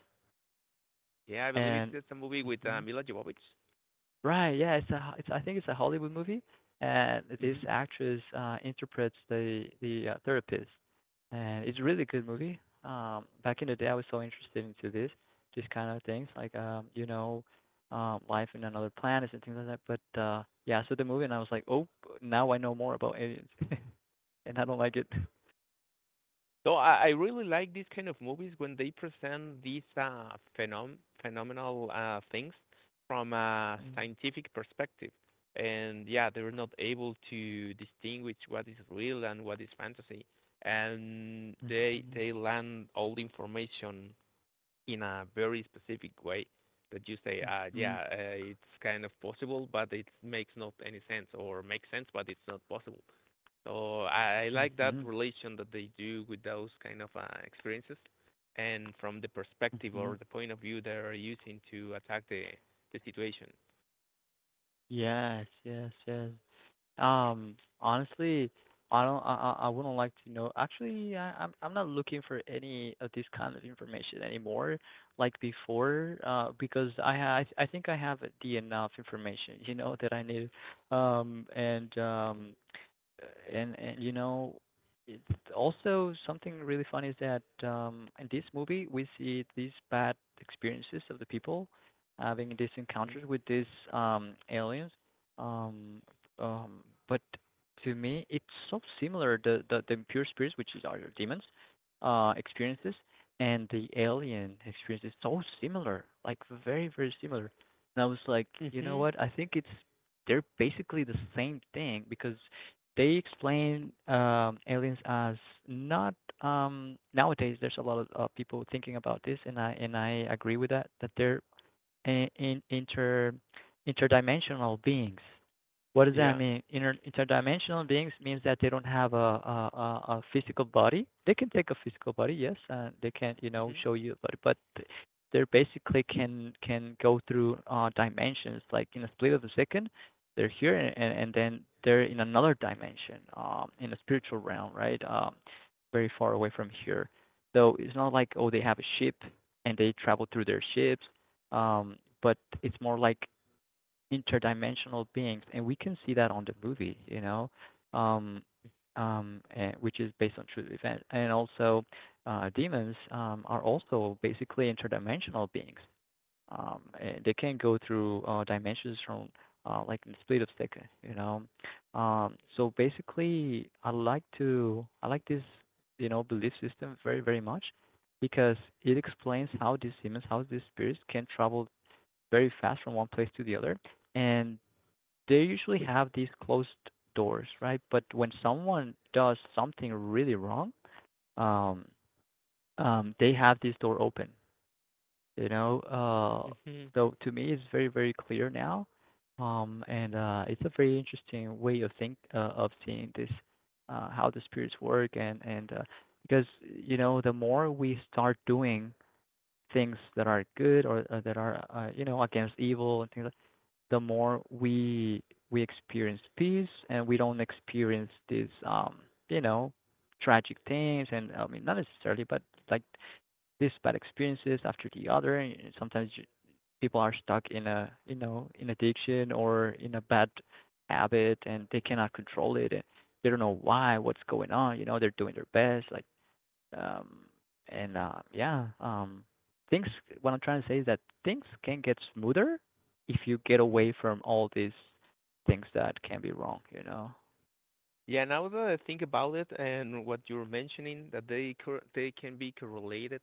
Yeah, I believe and it's a movie with mhm. Mila Jovovich. Right, yeah, it's, I think, it's a Hollywood movie, and this Mm-hmm. actress interprets the therapist, and it's a really good movie. Back in the day, I was so interested into this, these kind of things, like, life in another planet and things like that. But yeah, so the movie, and I was like, oh, now I know more about aliens, and I don't like it. So I really like these kind of movies when they present these phenom phenomenal things from a scientific perspective. And yeah, they're not able to distinguish what is real and what is fantasy. And Mm, they land all the information in a very specific way, that you say, mhm, mhm, it's kind of possible, but it makes not any sense, or makes sense, but it's not possible. So I like that mhm, relation that they do with those kind of experiences, and from the perspective or mhm. the point of view they're using to attack the situation. Yes, yes, yes. Um, Honestly, I don't. I wouldn't like to know. Actually, I'm not looking for any of this kind of information anymore, like before, because I think I have the enough information, you know, that I need. Um, and um, and, you know, it's also something really funny is that in this movie we see these bad experiences of the people having these encounters with these aliens, um um but to me it's so similar, the impure spirits, which is our demons, experiences, and the alien experience is so similar, like very, very similar. And I was like, you know Mm-hmm. what, I think it's, they're basically the same thing, because they explain, aliens as not, nowadays. There's a lot of people thinking about this, and I agree with that. That they're in inter interdimensional beings. What does that Yeah. mean? Interdimensional beings means that they don't have a physical body. They can take a physical body, yes, and they can, you know, Mm-hmm. show you a body, but they basically can go through dimensions. Like in a split of a second, they're here, then they're in another dimension, in a spiritual realm, right? Very far away from here. So it's not like, oh, they have a ship and they travel through their ships, but it's more like interdimensional beings, and we can see that on the movie, you know, um, which is based on true event, and also demons are also basically interdimensional beings. And they can go through dimensions from, like in the split of second, you know. So basically, I like this, you know, belief system very, very much, because it explains how these demons, how these spirits can travel very fast from one place to the other, and they usually have these closed doors, right? But when someone does something really wrong, um, they have this door open, you know. Mm-hmm. So to me, it's very, very clear now, and it's a very interesting way of think of seeing this, how the spirits work. And because, you know, the more we start doing things that are good, or that are, you know, against evil and things like, the more we experience peace and we don't experience these, you know tragic things. And I mean, not necessarily, but like these bad experiences after the other. And sometimes people are stuck in, a you know, in addiction or in a bad habit, and they cannot control it, and they don't know why, what's going on. You know, they're doing their best, like, um, and uh, yeah, um, things. What I'm trying to say is that things can get smoother if you get Mm-hmm. away from all these things that can be wrong. You know. Yeah, now that I think about it and what you're mentioning, that they they can be correlated.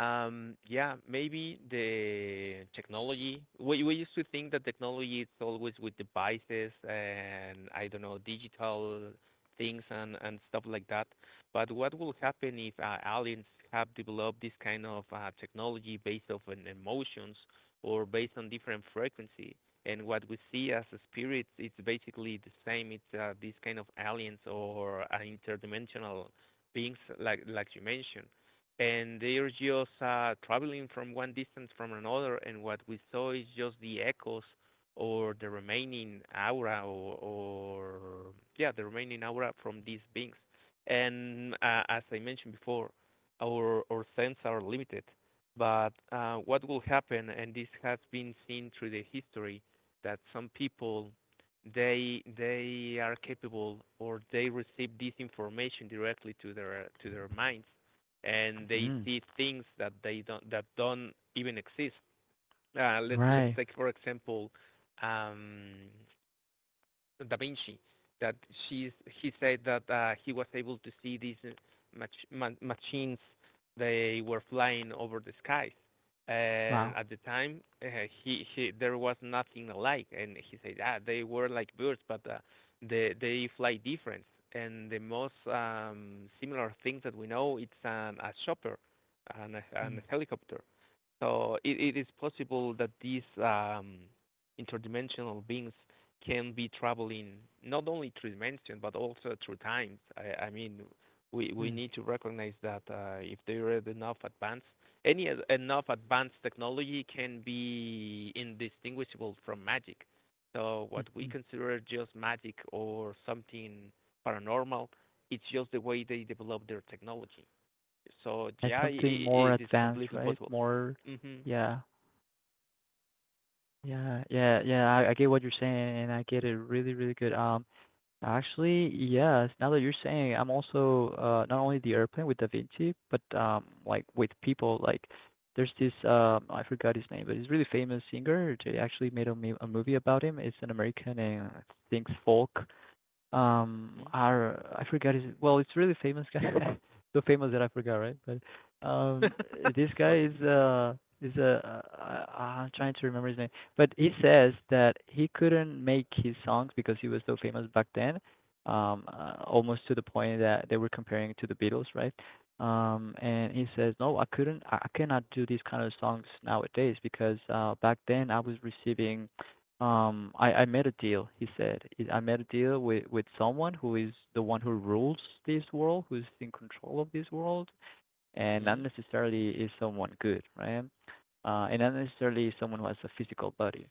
Yeah, maybe the technology. We used to think that technology is always with devices and I don't know digital things and stuff like that. But what will happen if aliens have developed this kind of technology based off on emotions, or based on different frequency? And what we see as spirits, it's basically the same. It's these kind of aliens or interdimensional beings, like you mentioned, and they're just traveling from one distance from another, and what we saw is just the echoes, or the remaining aura, or yeah, the remaining aura from these beings. And as I mentioned before, our senses are limited, but what will happen, and this has been seen through the history, that some people, they are capable, or they receive this information directly to their minds, and they Mm. see things that they don't, that don't even exist. Uh, let's Right. take for example, um Da Vinci, that she's, he said that he was able to see these machines. They were flying over the skies, and Wow. at the time he there was nothing alike, and he said, ah, they were like birds, but they fly different, and the most similar thing that we know, it's an a chopper. And Mm. a helicopter. So it is possible that these interdimensional beings can be traveling not only through dimension but also through times. I mean, we Mm. need to recognize that if there is enough advanced, any enough advanced technology can be indistinguishable from magic. So what we Mm-hmm. consider just magic or something paranormal, it's just the way they develop their technology. So It's yeah, something I more it is advanced, completely right? possible. More. Mhm. Yeah. Yeah. Yeah. Yeah. I get what you're saying, and I get it really, really good. Actually, yes. Now that you're saying, I'm also, not only the airplane with Da Vinci, but like with people. Like, there's this, I forgot his name, but he's a really famous singer. They actually made a, a movie about him. It's an American and sings folk, Mm? are I forgot his, well, it's really famous guy, so famous that I forgot, right? But this guy Okay. is, is a I, I'm trying to remember his name, but he says that he couldn't make his songs because he was so famous back then, almost to the point that they were comparing it to the Beatles, right? And He says, no, I I cannot do these kind of songs nowadays, because back then I was receiving, I made a deal. He said, "I made a deal with someone who is the one who rules this world, who's in control of this world, and not Mhm. necessarily is someone good, right? And not necessarily someone who has a physical body."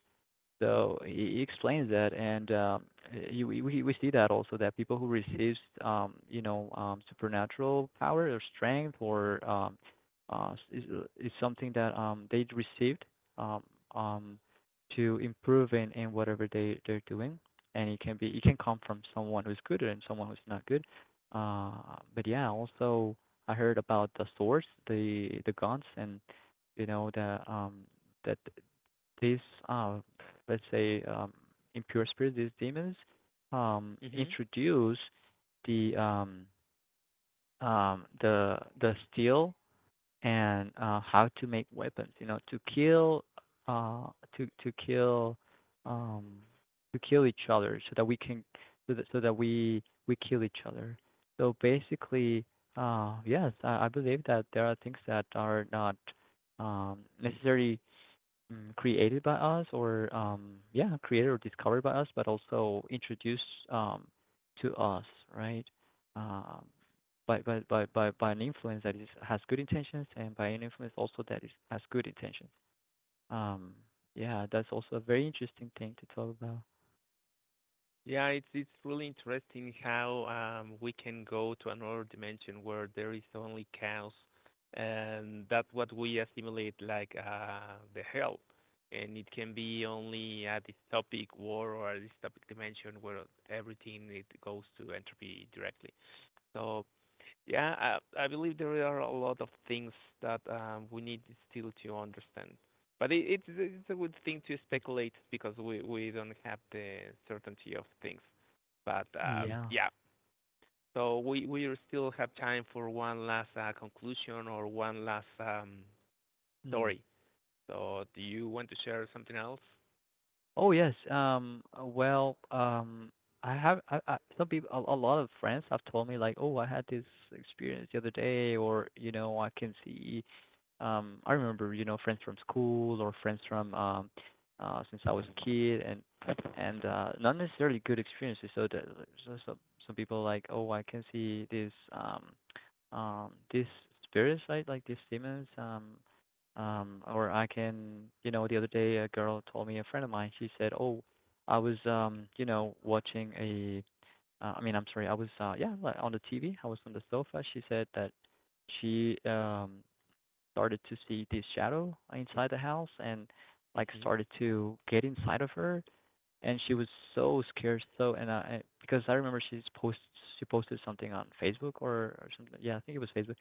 So he explains that. And you, we see that also, that people who receives, supernatural power or strength or, uh, is is something that, they received, um, um, to improve in whatever they they're doing. And it can be, it can come from someone who's good and someone who's not good. Uh, but yeah, also I heard about the swords, the guns, and, you know, the, that these uh, let's say, impure spirits, these demons, Mhm. introduce the, the steel, and how to make weapons, you know, to kill, uh, to kill, um, to kill each other, so that we can, so that so that we kill each other. So basically, yes, I believe that there are things that are not, necessarily, created by us, or, yeah, created or discovered by us, but also introduced um to us, right, um by, by an influence that is has good intentions, and by an influence also that is has good intentions. um yeah, that's also a very interesting thing to talk about. Yeah, it's really interesting how we can go to another dimension where there is only chaos, and that's what we assimilate like the hell, and it can be only a dystopic war or a dystopic dimension where everything it goes to entropy directly. So yeah, I believe there are a lot of things that we need still to understand. But it's a good thing to Mm. speculate because we don't have the certainty of things. But Yeah. yeah, so we still have time for one last conclusion or one last Mm. story. So do you want to share something else? Oh yes. Well. I have. Some people. A lot of friends have told me, like, "Oh, I had this experience the other day," or, you know, I can see. I remember, you know, friends from school or friends from, since I was a kid. And, not necessarily good experiences. So that, so some some people, like, "Oh, I can see this, this spirits, right? Like these demons." Or I can, you know, the other day a girl told me, a friend of mine, she said, "Oh, I was, you know, watching a, I mean, I'm sorry, I was, yeah, like, on the TV. I was on the sofa." She said that she, started to see this shadow inside the house and, like, Mhm. started to get inside of her, and she was so scared. So, because I remember she posted something on Facebook, or something. Yeah, I think it was Facebook,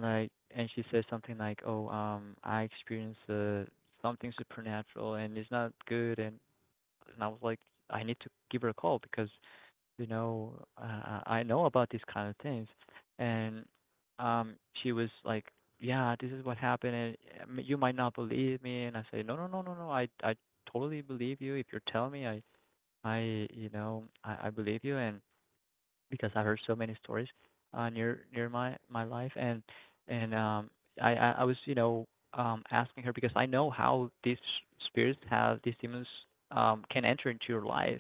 like. And she says something like, "Oh, I experienced, something supernatural, and it's not good." And I was like, "I need to give her a call, because, you know I know about these kind of things." And, um, she was like, "Yeah, this is what happened, and, you might not believe me." And I say, "No, no, no, no, no. I totally believe you. If you're telling me, I you know, I believe you." And because I heard so many stories, near my my life. And, and um, I was, you know, asking her, because I know how these spirits have these demons, can enter into your life.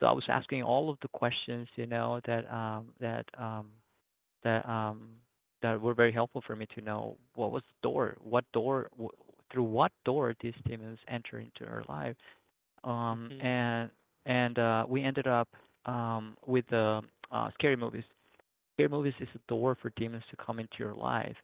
So I was asking all of the questions, you know, that um, that were very helpful for me to know what was the door, what door, through what door these demons enter into her life, um, Mhm. and and we ended up, with the, scary movies. Scary movies is a door for demons to come into your life,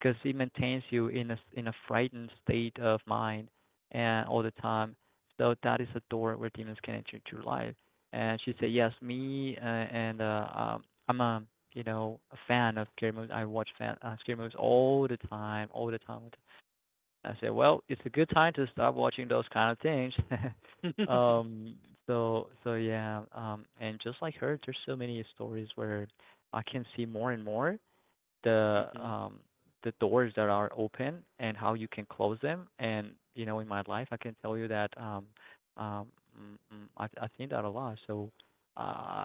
because it maintains you in a, in a frightened state of mind, and all the time. So that is a door where demons can enter into your life. And she said, "Yes, me, and I'm a, you know, a fan of scary movies. I watch fan, scary movies all the time, all the time, all the..." I said, well, it's a good time to stop watching those kind of things. um, so yeah, and just like her, there's so many stories where I can see more and more the, Mhm. The doors that are open and how you can close them. And, you know, in my life, I can tell you that, um mm, mm, I've seen that a lot. So, uh,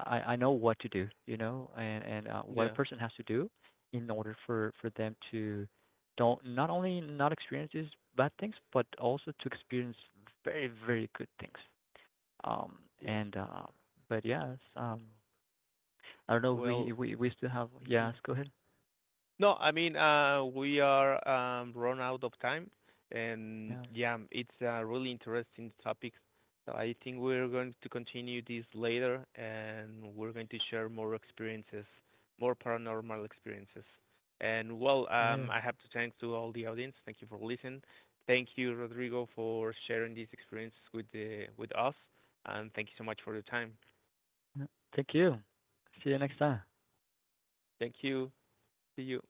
I I know what to do, you know. And, what a Yeah. person has to do in order for them to, don't not only not experience these bad things, but also to experience very, very good things. Um Yeah. and but yes, I don't know. Well. We still have. Yes, Mhm. go ahead. No, I mean, we are run out of time, and Yeah. yeah, it's a really interesting topic. So I think we're going to continue this later, and we're going to share more experiences, more paranormal experiences. And well, Yeah. I have to thank to all the audience. Thank you for listening. Thank you, Rodrigo, for sharing this experience with the with us, and thank you so much for your time. Thank you. See you next time. Thank you. See you.